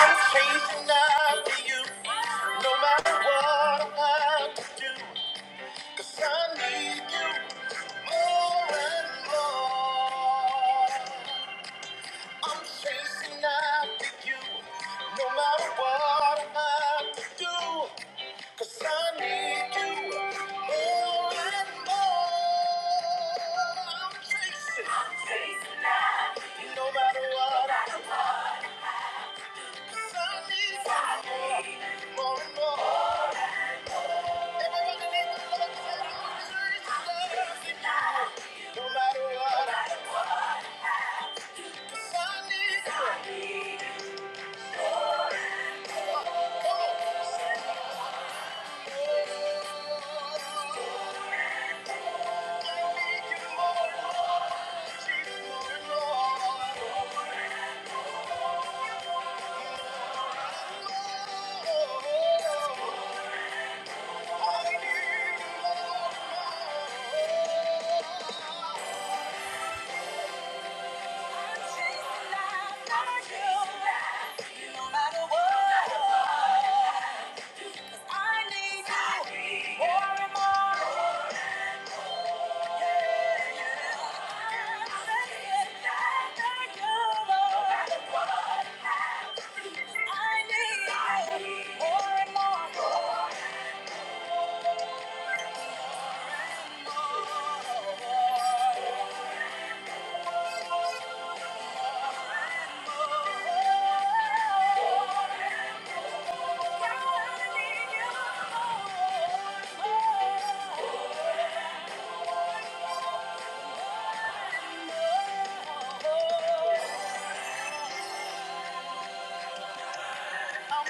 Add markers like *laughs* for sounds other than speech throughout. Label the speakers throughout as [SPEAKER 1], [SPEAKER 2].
[SPEAKER 1] I'm chasing after you. No matter what I have to do, I need you more and more. I'm chasing after you. No matter what I have to do, 'cause I need you more and more. I'm chasing, no matter what, 'cause I need you more and more. No matter what, I need you. Oh I'm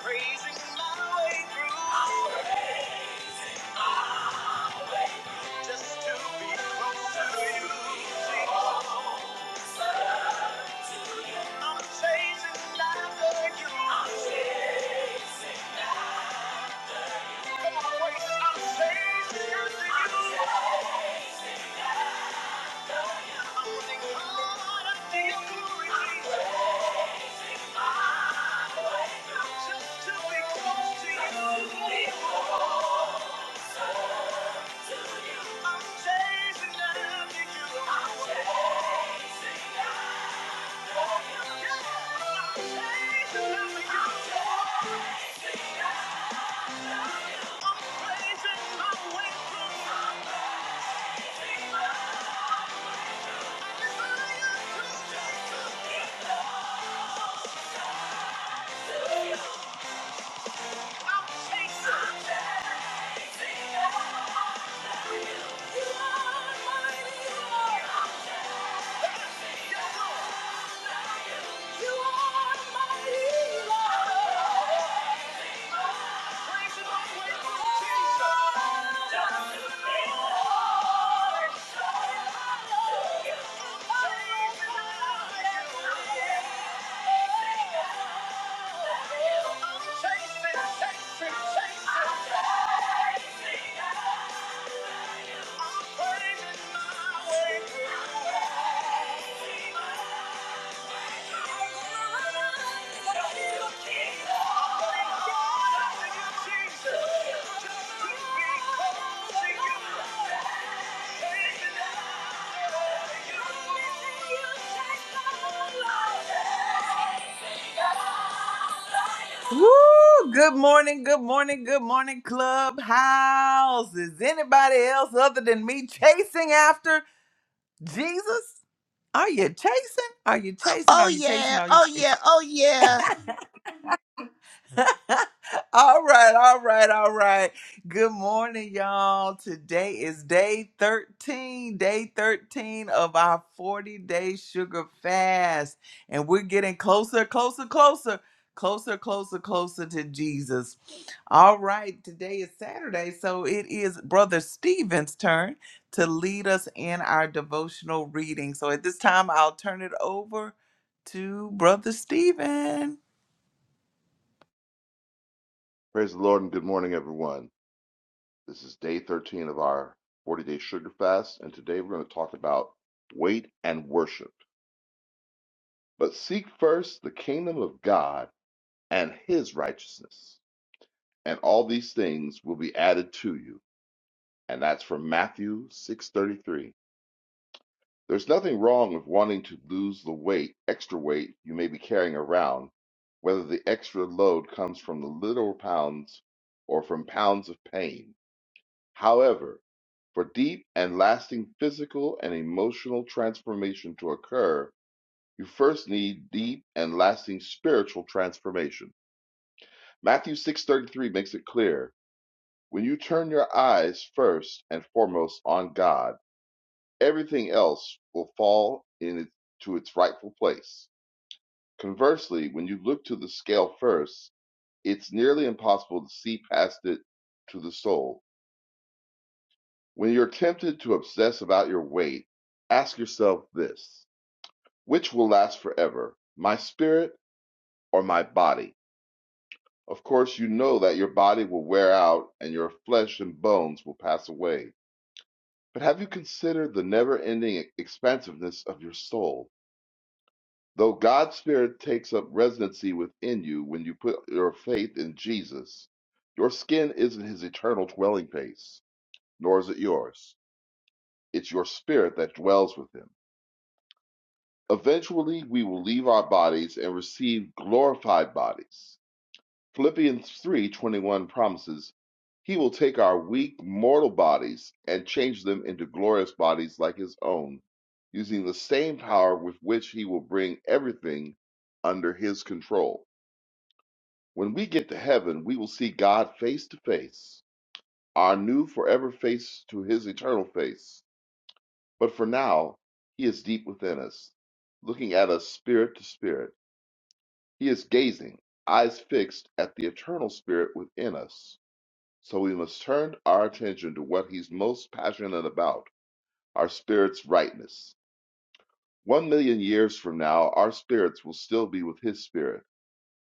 [SPEAKER 1] praising my way through. Just to be closer to you. I'm chasing after you. Come on, wait. I'm chasing after you. I'm running harder to your glory. Just to be close to you. I'm chasing after you. Yeah, I'm changing lives you. I'm praising my way through. Praise is my way through. Woo! Good morning, good morning, good morning, Clubhouse. Is anybody else other than me chasing after Jesus? Are you chasing? Are you chasing?
[SPEAKER 2] Oh
[SPEAKER 1] Are you chasing?
[SPEAKER 2] yeah,
[SPEAKER 1] Are you
[SPEAKER 2] oh
[SPEAKER 1] chasing?
[SPEAKER 2] yeah, oh yeah.
[SPEAKER 1] *laughs* all right, all right, all right. Good morning, y'all. Today is day 13, day 13 of our 40 day sugar fast. And we're getting closer, closer, closer, closer, closer, closer to Jesus. All right, today is Saturday, so it is Brother Stephen's turn to lead us in our devotional reading. So at this time, I'll turn it over to Brother Stephen.
[SPEAKER 3] Praise the Lord and good morning, everyone. This is day 13 of our 40 day sugar fast, and today we're going to talk about weight and worship. But seek first the kingdom of God and his righteousness, and all these things will be added to you. And that's from Matthew 6:33. There's nothing wrong with wanting to lose the weight, extra weight you may be carrying around, whether the extra load comes from the literal pounds or from pounds of pain. However, for deep and lasting physical and emotional transformation to occur, you first need deep and lasting spiritual transformation. Matthew 6:33 makes it clear, when you turn your eyes first and foremost on God, everything else will fall in to its rightful place. Conversely, when you look to the scale first, it's nearly impossible to see past it to the soul. When you're tempted to obsess about your weight, ask yourself this which will last forever, my spirit or my body? Of course, you know that your body will wear out and your flesh and bones will pass away. But have you considered the never ending expansiveness of your soul? Though God's Spirit takes up residency within you when you put your faith in Jesus, your skin isn't his eternal dwelling place, nor is it yours. It's your spirit that dwells with him. Eventually, we will leave our bodies and receive glorified bodies. Philippians 3:21 promises he will take our weak mortal bodies and change them into glorious bodies like his own, using the same power with which he will bring everything under his control. When we get to heaven, we will see God face to face, our new forever face to his eternal face. But for now, he is deep within us, looking at us spirit to spirit He is gazing, eyes fixed, at the eternal spirit within us. So we must turn our attention to what he's most passionate about our spirit's rightness. One million years from now, our spirits will still be with his spirit.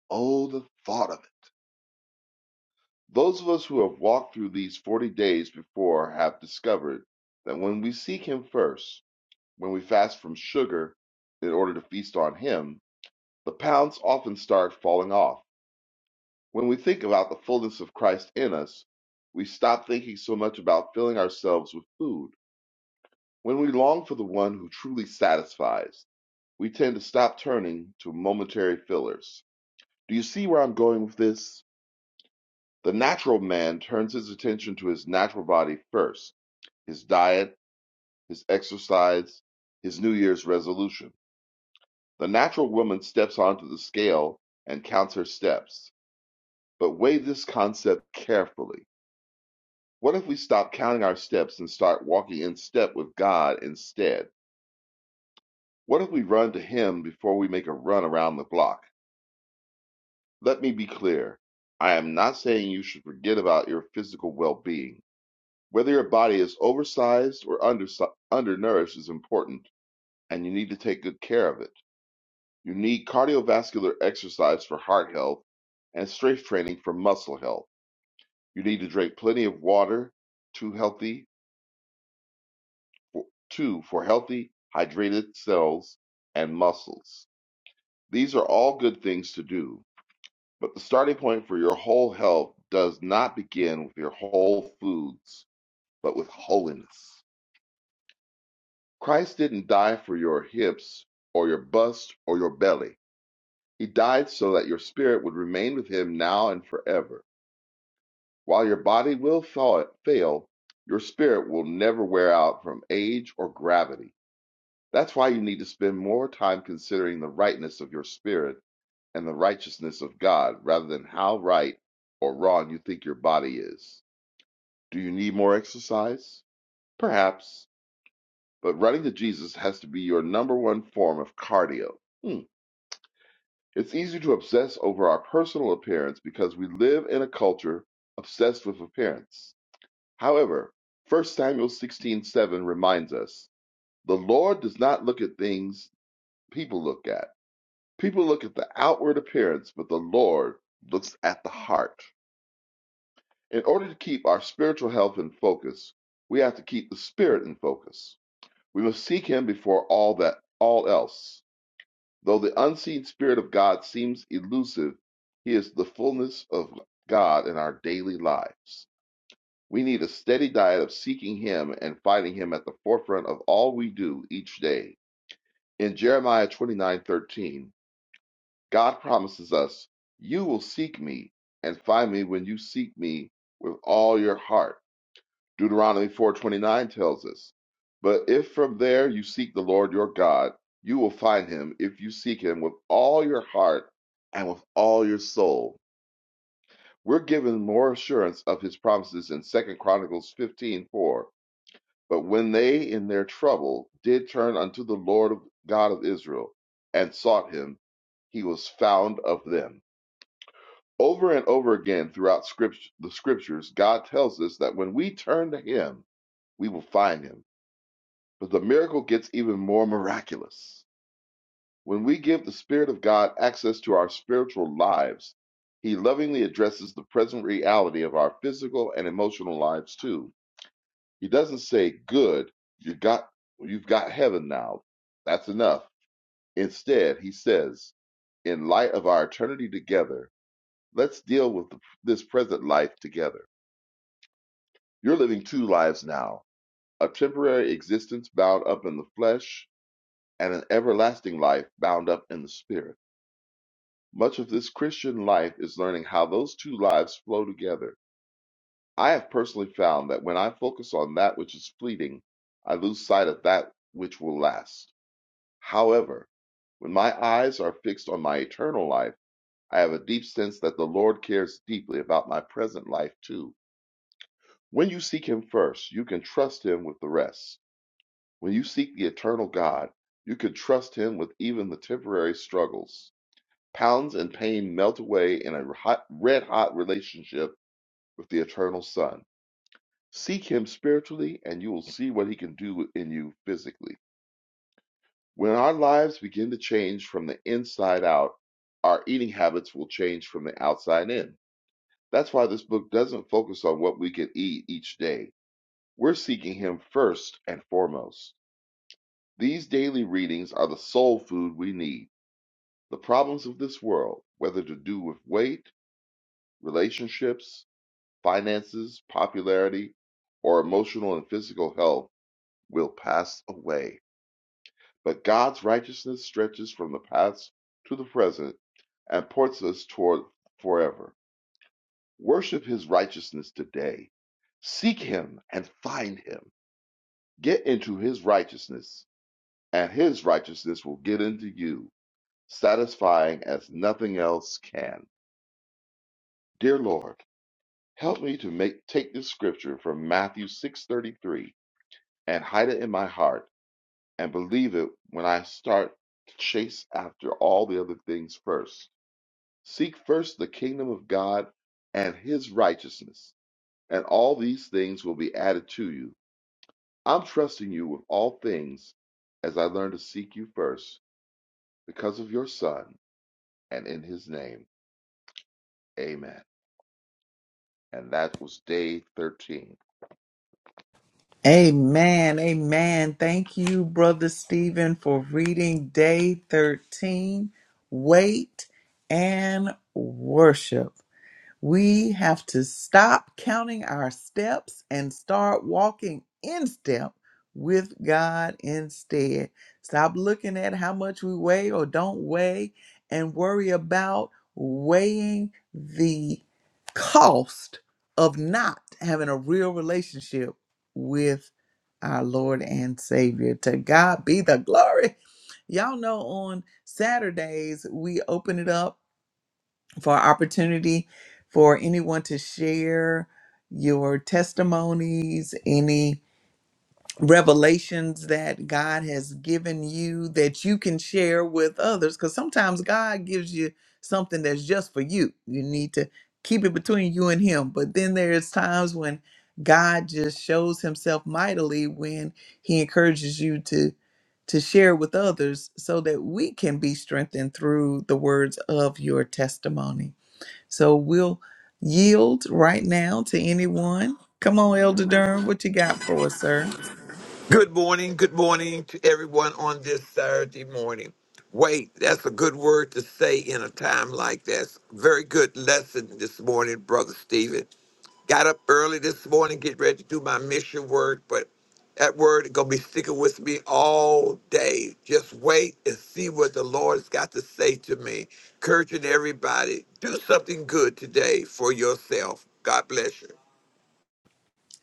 [SPEAKER 3] Oh, the thought of it! Those of us who have walked through these 40 days before have discovered that when we seek him first, when we fast from sugar in order to feast on him, the pounds often start falling off When we think about the fullness of Christ in us, we stop thinking so much about filling ourselves with food. When we long for the one who truly satisfies, we tend to stop turning to momentary fillers. Do you see where I'm going with this? The natural man turns his attention to his natural body first his diet, his exercise, his New Year's resolution. The natural woman steps onto the scale and counts her steps. But weigh this concept carefully. What if we stop counting our steps and start walking in step with God instead? What if we run to Him before we make a run around the block? Let me be clear. I am not saying you should forget about your physical well being. Whether your body is oversized or undersi- undernourished is important, and you need to take good care of it. You need cardiovascular exercise for heart health and strength training for muscle health. You need to drink plenty of water, two healthy for, two for healthy, hydrated cells and muscles. These are all good things to do, but the starting point for your whole health does not begin with your whole foods, but with holiness. Christ didn't die for your hips or your bust or your belly. He died so that your spirit would remain with him now and forever. While your body will fail, your spirit will never wear out from age or gravity. That's why you need to spend more time considering the rightness of your spirit and the righteousness of God rather than how right or wrong you think your body is. Do you need more exercise? Perhaps, but running to Jesus has to be your number one form of cardio. Hmm. It's easy to obsess over our personal appearance because we live in a culture obsessed with appearance. However, First Samuel 16:7 reminds us, "The Lord does not look at things people look at." People look at the outward appearance, but the Lord looks at the heart. In order to keep our spiritual health in focus, we have to keep the spirit in focus. We must seek him before all that all else. Though the unseen spirit of God seems elusive, he is the fullness of God in our daily lives. We need a steady diet of seeking him and finding him at the forefront of all we do each day. In Jeremiah 29:13, God promises us, You will seek me and find me when you seek me with all your heart. Deuteronomy 4:29 tells us, But if from there you seek the Lord your God, you will find him if you seek him with all your heart and with all your soul. We're given more assurance of his promises in Second Chronicles 15:4. But when they in their trouble did turn unto the Lord God of Israel and sought him, he was found of them. Over and over again throughout script, the scriptures, God tells us that when we turn to Him, we will find Him. But the miracle gets even more miraculous. When we give the Spirit of God access to our spiritual lives, He lovingly addresses the present reality of our physical and emotional lives too. He doesn't say, Good, you got, you've got heaven now. That's enough. Instead, He says, In light of our eternity together, let's deal with the, this present life together. You're living two lives now a temporary existence bound up in the flesh, and an everlasting life bound up in the spirit. Much of this Christian life is learning how those two lives flow together. I have personally found that when I focus on that which is fleeting, I lose sight of that which will last. However, when my eyes are fixed on my eternal life, I have a deep sense that the Lord cares deeply about my present life too. When you seek Him first, you can trust Him with the rest. When you seek the eternal God, you can trust Him with even the temporary struggles. Pounds and pain melt away in a hot, red hot relationship with the eternal Son. Seek Him spiritually, and you will see what He can do in you physically. When our lives begin to change from the inside out, our eating habits will change from the outside in. That's why this book doesn't focus on what we can eat each day. We're seeking Him first and foremost. These daily readings are the soul food we need The problems of this world, whether to do with weight, relationships, finances, popularity, or emotional and physical health, will pass away. But God's righteousness stretches from the past to the present and ports us toward forever. Worship his righteousness today. Seek him and find him. Get into his righteousness, and his righteousness will get into you, satisfying as nothing else can. Dear Lord, Help me to make take this scripture from Matthew 6:33 and hide it in my heart and believe it when I start to chase after all the other things first. Seek first the kingdom of God and his righteousness, and all these things will be added to you. I'm trusting you with all things as I learn to seek you first because of your son and in his name. Amen. And that was day 13.
[SPEAKER 1] Amen. Amen. Thank you, Brother Stephen, for reading day 13. Wait and worship. We have to stop counting our steps and start walking in step with God instead. Stop looking at how much we weigh or don't weigh and worry about weighing the cost of not having a real relationship with our Lord and Savior. To God be the glory. Y'all know on Saturdays, we open it up for opportunity for anyone to share your testimonies, any revelations that God has given you that you can share with others. Because sometimes God gives you something that's just for you. You need to keep it between you and Him. But then there's times when God just shows Himself mightily when He encourages you to to share with others so that we can be strengthened through the words of your testimony. So we'll yield right now to anyone. Come on, Elder Durham, what you got for us, sir?
[SPEAKER 4] Good morning. Good morning to everyone on this Saturday morning. Wait, that's a good word to say in a time like this. Very good lesson this morning, Brother Stephen. Got up early this morning, get ready to do my mission work, but that word is going to be sticking with me all day. Just wait and see what the Lord's got to say to me. Encouraging everybody, do something good today for yourself. God bless you.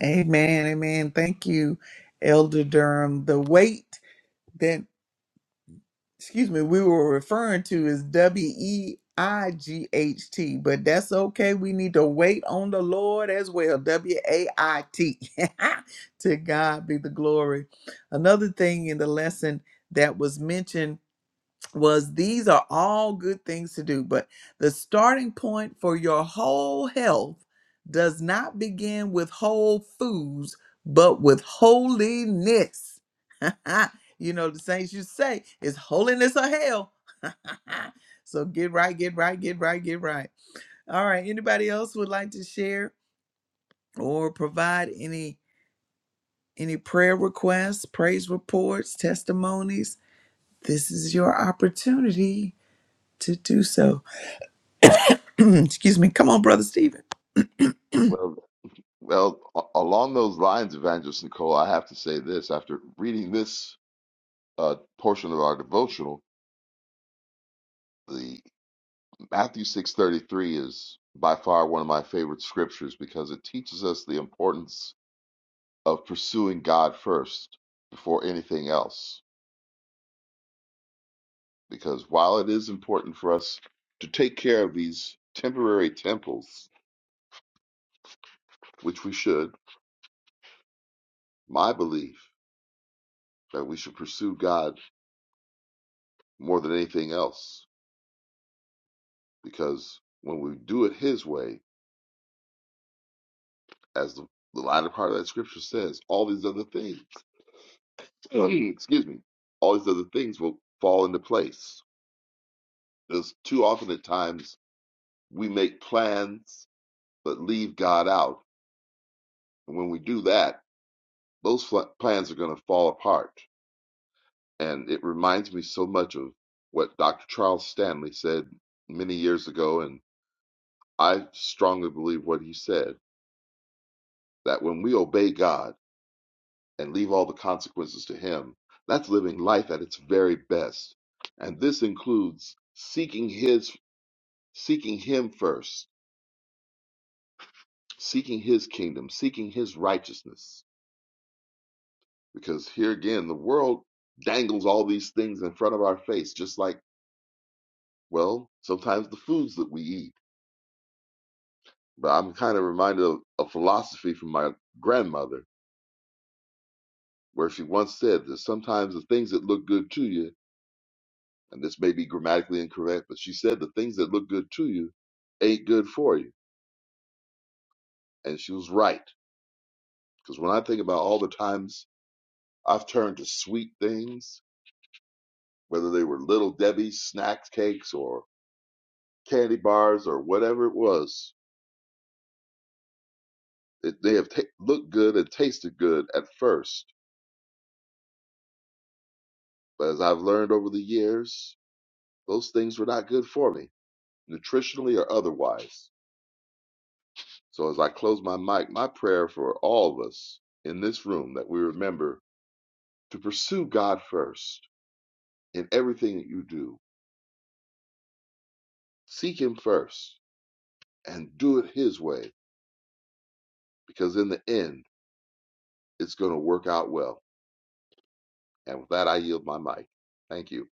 [SPEAKER 1] Amen, amen. Thank you, Elder Durham. The weight that excuse me, we were referring to is W E I G H T, but that's okay. We need to wait on the Lord as well. W A I T. *laughs* To God be the glory. Another thing in the lesson that was mentioned was these are all good things to do, but the starting point for your whole health does not begin with whole foods, but with holiness. *laughs* you know, the saints you say is holiness or hell. *laughs* so get right, get right, get right, get right. All right. Anybody else would like to share or provide any any prayer requests, praise reports, testimonies? This is your opportunity to do so. *clears throat* Excuse me. Come on, Brother Stephen. *clears throat*
[SPEAKER 3] Well, Well, a- along those lines, Evangelist Nicole, I have to say this. After reading this uh, portion of our devotional, the Matthew 6:33 is by far one of my favorite scriptures because it teaches us the importance of pursuing God first before anything else. Because while it is important for us to take care of these temporary temples, which we should, my belief that we should pursue God more than anything else, because when we do it His way, as the, the latter part of that scripture says, all these other things, *clears throat* excuse me, all these other things will fall into place. There's too often at times we make plans but leave God out. And when we do that, those fl- plans are going to fall apart. And it reminds me so much of what Dr. Charles Stanley said many years ago. And I strongly believe what he said that when we obey God, and leave all the consequences to Him. That's living life at its very best. And this includes seeking His, seeking Him first, seeking His kingdom, seeking His righteousness. Because here again, the world dangles all these things in front of our face, just like, well, sometimes the foods that we eat. But I'm kind of reminded of a philosophy from my grandmother, where she once said that sometimes the things that look good to you and this may be grammatically incorrect, but she said the things that look good to you ain't good for you. And she was right. Because when I think about all the times I've turned to sweet things, whether they were little Debbie's snack cakes or candy bars or whatever it was, it, they have ta looked good and tasted good at first. But as I've learned over the years, those things were not good for me, nutritionally or otherwise. So as I close my mic, my prayer for all of us in this room that we remember to pursue God first in everything that you do. Seek Him first and do it His way because in the end, it's going to work out well. And with that, I yield my mic. Thank you.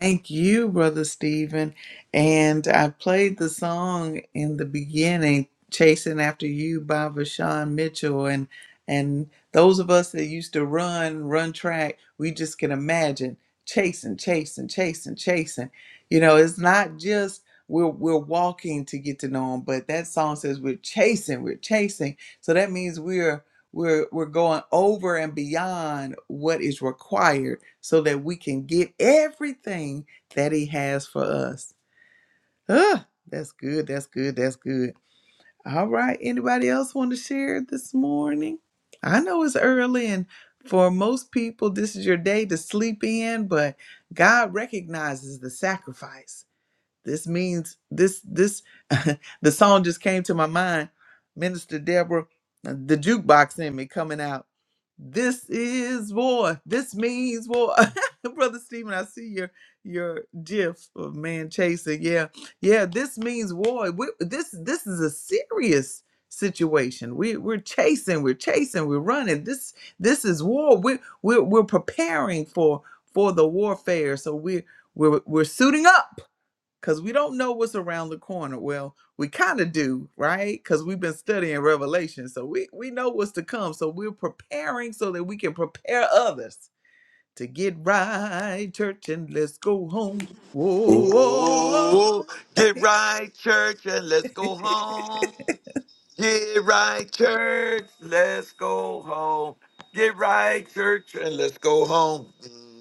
[SPEAKER 1] Thank you, Brother Stephen. And I played the song in the beginning, Chasing After You by Vashawn Mitchell. And and those of us that used to run, run track, we just can imagine chasing, chasing, chasing, chasing. You know, it's not just we're we're walking to get to know him, but that song says we're chasing, we're chasing. So that means we're we're we're going over and beyond what is required so that we can get everything that He has for us. Ah, that's good. That's good. That's good. All right. Anybody else want to share this morning? I know it's early, and for most people, this is your day to sleep in, but God recognizes the sacrifice. This means this this *laughs* the song just came to my mind. Minister Deborah, uh, the jukebox in me coming out. This is war. This means war. *laughs* Brother Stephen, I see your your gif of man chasing. Yeah. Yeah, this means war. We, this this is a serious situation. We we're chasing, we're chasing, we're running. This this is war. We we're, we're preparing for for the warfare. So we are we're we're we're suiting up because we don't know what's around the corner. Well, we kind of do, right? Because we've been studying Revelation, so we we know what's to come. So we're preparing so that we can prepare others to get right, church, and let's go home. Whoa,
[SPEAKER 4] Ooh, get right, church, and let's go home. Get right, church, let's go home. Get right, church, and let's go home.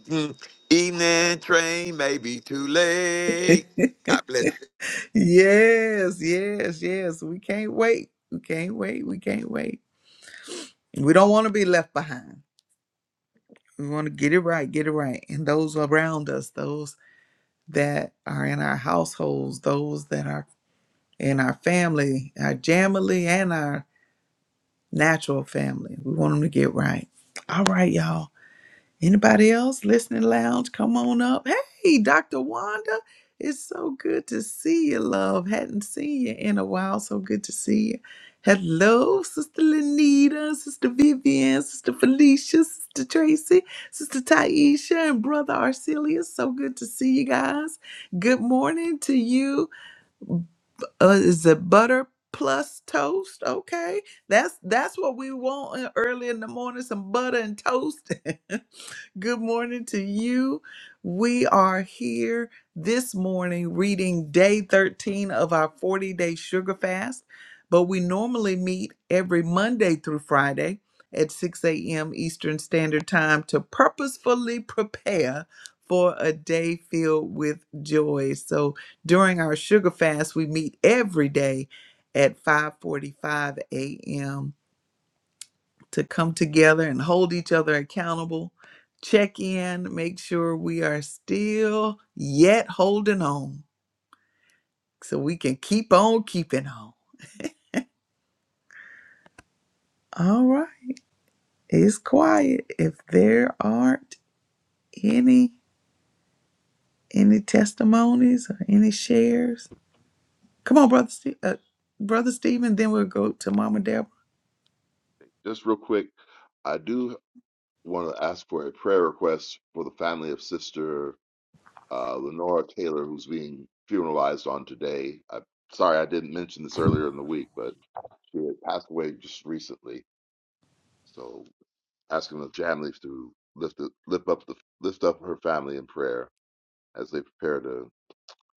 [SPEAKER 4] Mhm. Evening train may be too late. God bless
[SPEAKER 1] yes, yes, yes. We can't wait. We can't wait. We can't wait. We don't want to be left behind. We want to get it right, get it right. And those around us, those that are in our households, those that are in our family, our jamily, and our natural family. We want them to get right. All right, y'all. Anybody else listening lounge? Come on up. Hey, Dr. Wanda. It's so good to see you, love. Hadn't seen you in a while. So good to see you. Hello, Sister Lenita, Sister Vivian, Sister Felicia, Sister Tracy, Sister Taisha, and Brother Arcelius. So good to see you guys. Good morning to you uh, is it butter plus toast? Okay, that's that's what we want in- early in the morning: some butter and toast. *laughs* Good morning to you. We are here this morning reading day 13 of our 40 day sugar fast, but we normally meet every Monday through Friday at 6 a.m. Eastern Standard Time to purposefully prepare for a day filled with joy. So during our sugar fast, we meet every day at 5:45 a.m to come together and hold each other accountable, check in, make sure we are still yet holding on so we can keep on keeping on. All right. It's quiet. If there aren't any any testimonies or any shares, come on, brother, Ste- uh, brother Stephen. Then we'll go to Mama Deborah.
[SPEAKER 3] Just real quick, I do want to ask for a prayer request for the family of Sister uh, Lenora Taylor, who's being funeralized on today. i sorry I didn't mention this earlier in the week, but she had passed away just recently. So asking the families to lift the, lift up the lift up her family in prayer as they prepare to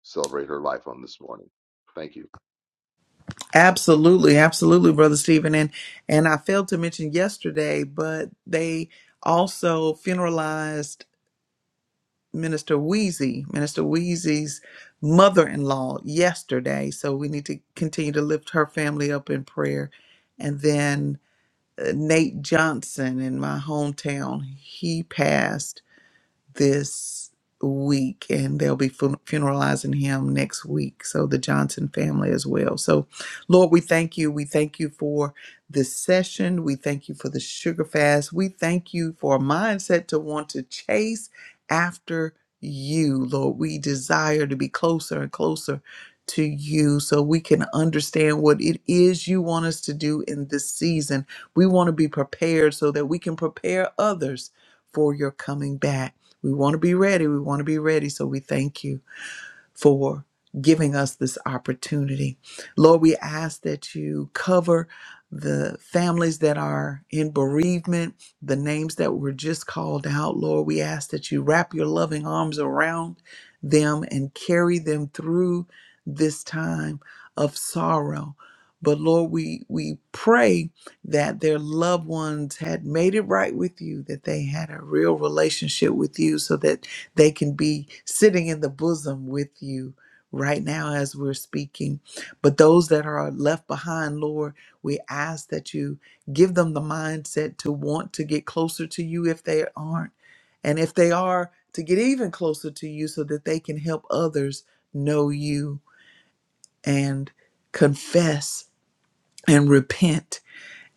[SPEAKER 3] celebrate her life on this morning. Thank you.
[SPEAKER 1] Absolutely, absolutely, brother Stephen. And and I failed to mention yesterday, but they also funeralized Minister Wheezy, Minister Wheezy's mother in law yesterday. So we need to continue to lift her family up in prayer. And then uh, Nate Johnson in my hometown, he passed this week, and they'll be fun- funeralizing him next week. So, the Johnson family as well. So, Lord, we thank you. We thank you for this session. We thank you for the sugar fast. We thank you for a mindset to want to chase after you, Lord. We desire to be closer and closer to you so we can understand what it is you want us to do in this season. We want to be prepared so that we can prepare others for your coming back. We want to be ready. We want to be ready. So we thank you for giving us this opportunity. Lord, we ask that you cover the families that are in bereavement, the names that were just called out. Lord, we ask that you wrap your loving arms around them and carry them through this time of sorrow. But Lord, we, we pray that their loved ones had made it right with you, that they had a real relationship with you so that they can be sitting in the bosom with you right now as we're speaking. But those that are left behind, Lord, we ask that you give them the mindset to want to get closer to you if they aren't. And if they are, to get even closer to you so that they can help others know you and confess and repent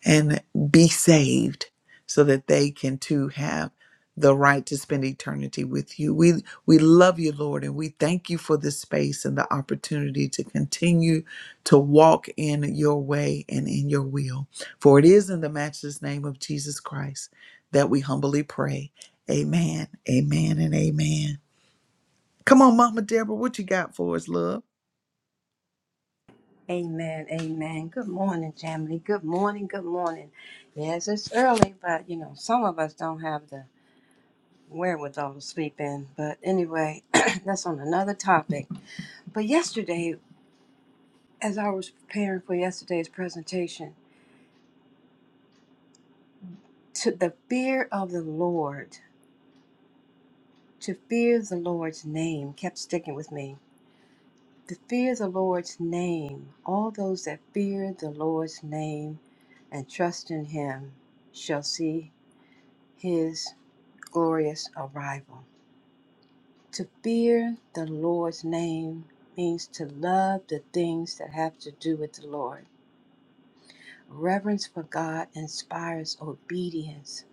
[SPEAKER 1] and be saved so that they can too have the right to spend eternity with you. We we love you, Lord, and we thank you for this space and the opportunity to continue to walk in your way and in your will. For it is in the matchless name of Jesus Christ that we humbly pray. Amen. Amen and amen. Come on, Mama Deborah, what you got for us, love?
[SPEAKER 5] Amen, amen. Good morning, family. Good morning, good morning. Yes, it's early, but you know, some of us don't have the wherewithal to sleep in. But anyway, *clears throat* that's on another topic. But yesterday, as I was preparing for yesterday's presentation, to the fear of the Lord, to fear the Lord's name kept sticking with me. To fear the Lord's name, all those that fear the Lord's name and trust in him shall see his glorious arrival. To fear the Lord's name means to love the things that have to do with the Lord. Reverence for God inspires obedience,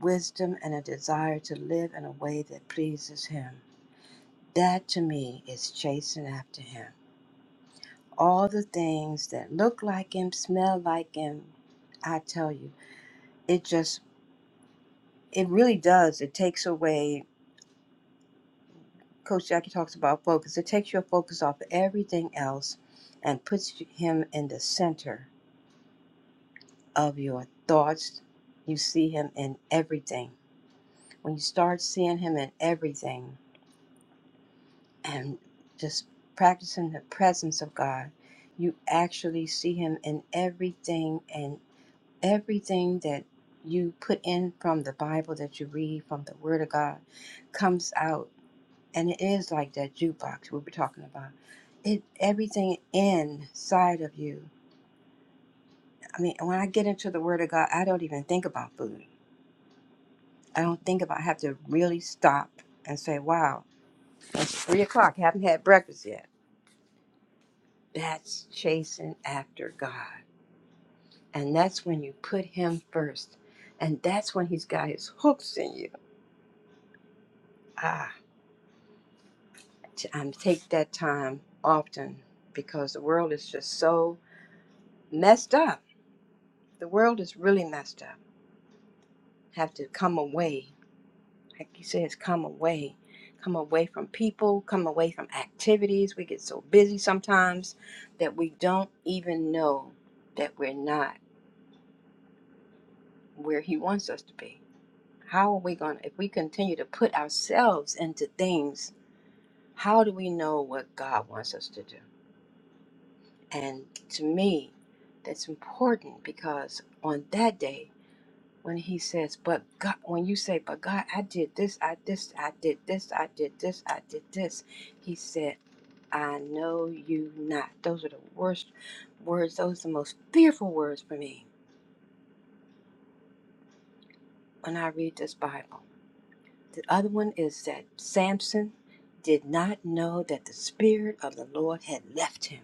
[SPEAKER 5] wisdom, and a desire to live in a way that pleases Him. That to me is chasing after Him. All the things that look like Him, smell like Him, I tell you, it just, it really does. It takes away Coach Jackie talks about focus. It takes your focus off everything else and puts him in the center of your thoughts. You see him in everything. When you start seeing him in everything and just practicing the presence of God, you actually see him in everything and everything that you put in from the Bible that you read from the Word of God comes out and it is like that jukebox we were talking about. It everything inside of you. I mean, when I get into the Word of God, I don't even think about food. I don't think about. I have to really stop and say, "Wow, it's three o'clock. I haven't had breakfast yet." That's chasing after God, and that's when you put Him first, and that's when He's got His hooks in you. Ah, t- I take that time often because the world is just so messed up. The world is really messed up have to come away. Like he says, come away. Come away from people, come away from activities. We get so busy sometimes that we don't even know that we're not where He wants us to be. How are we going to, if we continue to put ourselves into things, how do we know what God wants us to do? And to me, that's important because on that day, when he says, "But God," when you say, "But God, I did this, I this, I did this, I did this, I did this," he said, "I know you not." Those are the worst words. Those are the most fearful words for me when I read this Bible. The other one is that Samson did not know that the spirit of the Lord had left him.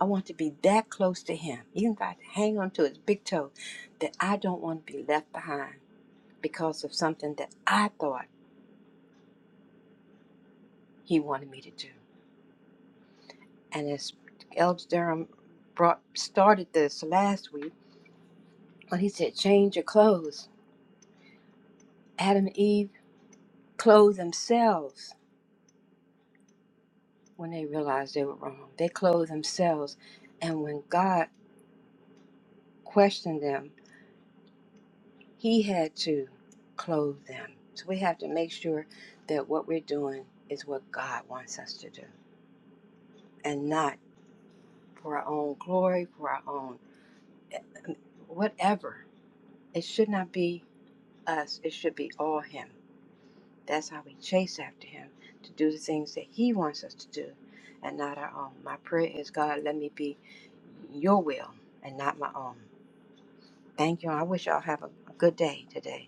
[SPEAKER 5] I want to be that close to him, even if I have to hang on to his big toe, that I don't want to be left behind because of something that I thought. he wanted me to do. And as Elder Durham brought started this last week, when he said, "Change your clothes," Adam and Eve clothed themselves when they realized they were wrong. They clothed themselves, and when God questioned them, He had to clothe them. So we have to make sure that what we're doing is what God wants us to do, and not for our own glory, for our own whatever. It should not be us. It should be all Him That's how we chase after Him to do the things that He wants us to do and not our own. My prayer is, God, let me be your will and not my own. Thank you. I wish y'all have a a good day today.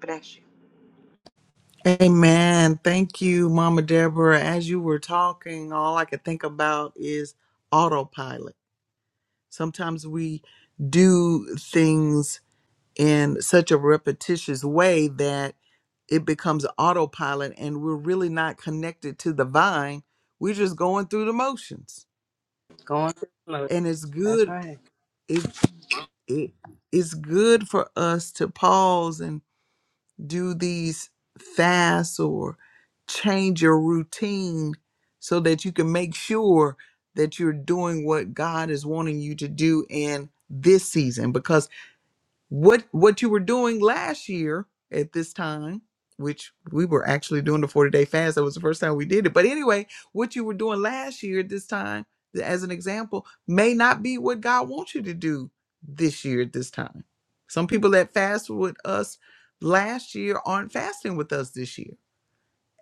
[SPEAKER 5] Bless you.
[SPEAKER 1] Amen. Thank you, Mama Deborah. As you were talking, all I could think about is autopilot. Sometimes we do things in such a repetitious way that it becomes autopilot and we're really not connected to the vine. We're just going through the motions.
[SPEAKER 5] Going. through the flow.
[SPEAKER 1] And it's
[SPEAKER 5] That's
[SPEAKER 1] good
[SPEAKER 5] right.
[SPEAKER 1] it, it it's good for us to pause and. do these fasts or change your routine so that you can make sure that you're doing what God is wanting you to do in this season because what what you were doing last year at this time which we were actually doing the 40 day fast that was the first time we did it but anyway what you were doing last year at this time as an example may not be what god wants you to do this year at this time some people that fast with us last year aren't fasting with us this year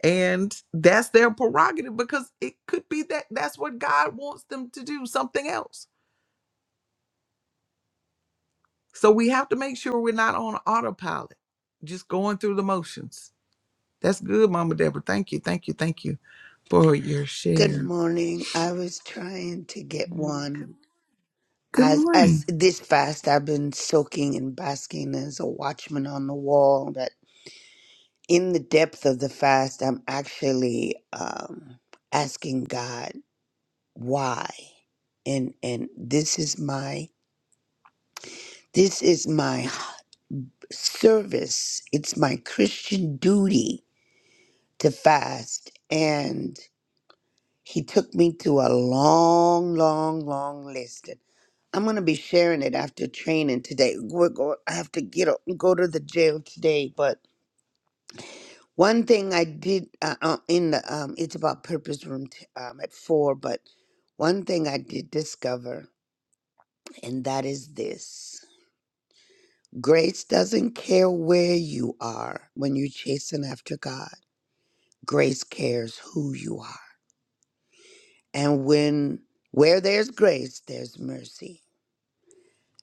[SPEAKER 1] and that's their prerogative because it could be that that's what god wants them to do something else So we have to make sure we're not on autopilot, just going through the motions. That's good, Mama Deborah. Thank you, thank you, thank you for your
[SPEAKER 2] Good
[SPEAKER 1] share.
[SPEAKER 2] morning. I was trying to get one.
[SPEAKER 1] Good
[SPEAKER 2] As
[SPEAKER 1] morning.
[SPEAKER 2] as this fast I've been soaking and basking as a watchman on the wall, but in the depth of the fast I'm actually um asking God why. And and this is my this is my service. It's my Christian duty to fast. and. He took me to a long, long, long list. And I'm going to be sharing it after training today. We're going, I have to get up go to the jail today. But one thing I did uh, uh, in the, um, it's about purpose room t- um, at four, but one thing I did discover, and that is this grace doesn't care where you are when you're chasing after God, grace cares who you are. And when, where there's grace, there's mercy.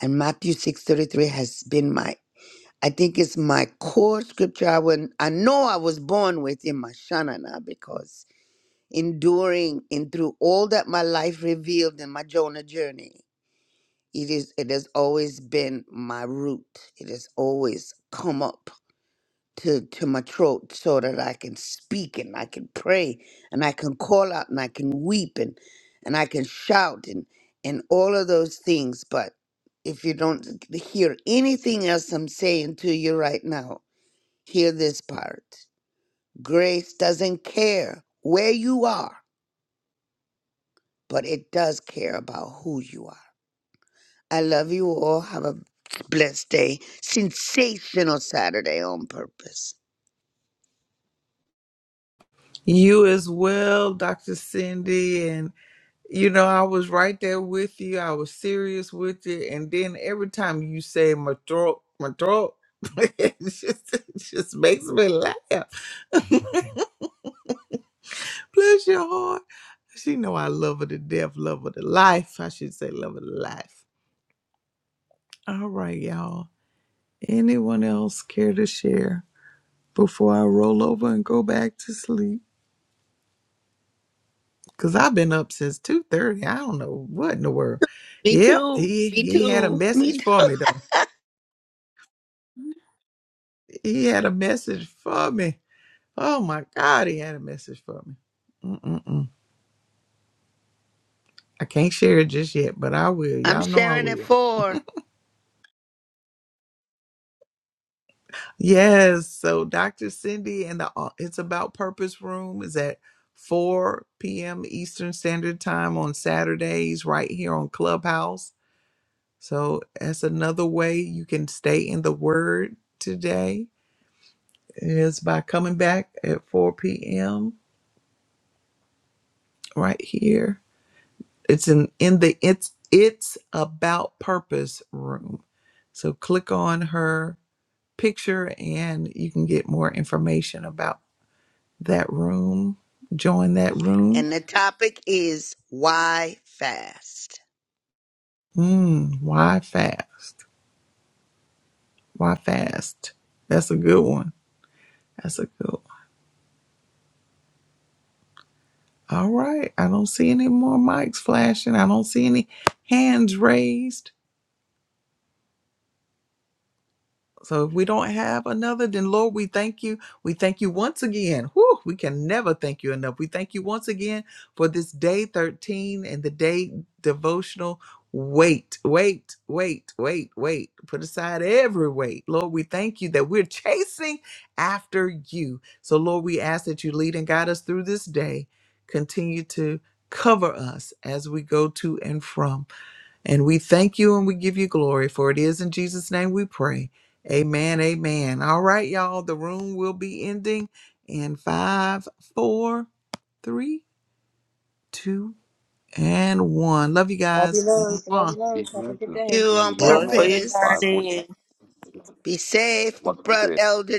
[SPEAKER 2] and Matthew 6:33 has been my I think it's my core scripture. I would, I know I was born with in my Shanana because enduring and through all that my life revealed in my Jonah journey, it is it has always been my root. It has always come up to to my throat so that I can speak and I can pray and I can call out and I can weep and and I can shout and and all of those things but if you don't hear anything else I'm saying to you right now hear this part grace doesn't care where you are but it does care about who you are I love you all have a blessed day sensational Saturday on purpose
[SPEAKER 1] You as well, Dr. Cindy. And, you know, I was right there with you. I was serious with you. And then every time you say my throat, my throat, *laughs* it just, it just makes me laugh. *laughs* Bless your heart. She know I love her to death, love her to life. I should say love her to life. All right, y'all. Anyone else care to share before I roll over and go back to sleep? Cause I've been up since two thirty. I don't know what in the world.
[SPEAKER 2] me
[SPEAKER 1] Yep,
[SPEAKER 2] too
[SPEAKER 1] he
[SPEAKER 2] me
[SPEAKER 1] he had a
[SPEAKER 2] too me
[SPEAKER 1] message for me though. He had a message for me. Oh my God, he had a message for me. Mm-mm-mm. I can't share it just yet, but I will.
[SPEAKER 2] I'm
[SPEAKER 1] Y'all know I
[SPEAKER 2] Sharon at
[SPEAKER 1] will.
[SPEAKER 2] four,
[SPEAKER 1] Yes. So Dr. Cindy and the uh, It's About Purpose Room is at 4 p.m. Eastern Standard Time on Saturdays, right here on Clubhouse. So that's another way you can stay in the Word today is by coming back at 4 p.m. right here. It's in in the it's it's about purpose room. So click on her picture and you can get more information about that room. Join that room.
[SPEAKER 2] and the topic is why fast.
[SPEAKER 1] Mm, why fast? Why fast? That's a good one. That's a good All right. I don't see any more mics flashing. I don't see any hands raised. So if we don't have another, then Lord, we thank you. We thank you once again. Whew, we can never thank you enough. We thank you once again for this day 13 and the day devotional. Wait, wait, wait, wait, wait. Put aside every weight. Lord, we thank you that we're chasing after you. So, Lord, we ask that you lead and guide us through this day. Continue to cover us as we go to and from. And we thank you and we give you glory, for it is in Jesus' name we pray. Amen. Amen. All right, y'all. The room will be ending in five, four, three, two, and one. Love you
[SPEAKER 5] Love you,
[SPEAKER 1] guys.
[SPEAKER 5] loads. Love
[SPEAKER 1] Mwah.
[SPEAKER 5] you,
[SPEAKER 3] Be
[SPEAKER 5] loads. Have a
[SPEAKER 3] blessed
[SPEAKER 5] good
[SPEAKER 3] and
[SPEAKER 5] day.
[SPEAKER 2] You
[SPEAKER 3] see you
[SPEAKER 2] on
[SPEAKER 3] tomorrow
[SPEAKER 6] Joy for
[SPEAKER 3] morning,
[SPEAKER 6] your
[SPEAKER 3] five
[SPEAKER 2] purpose.
[SPEAKER 3] forty.
[SPEAKER 6] journey.
[SPEAKER 2] Be safe,
[SPEAKER 3] Wonderful day.
[SPEAKER 2] brother,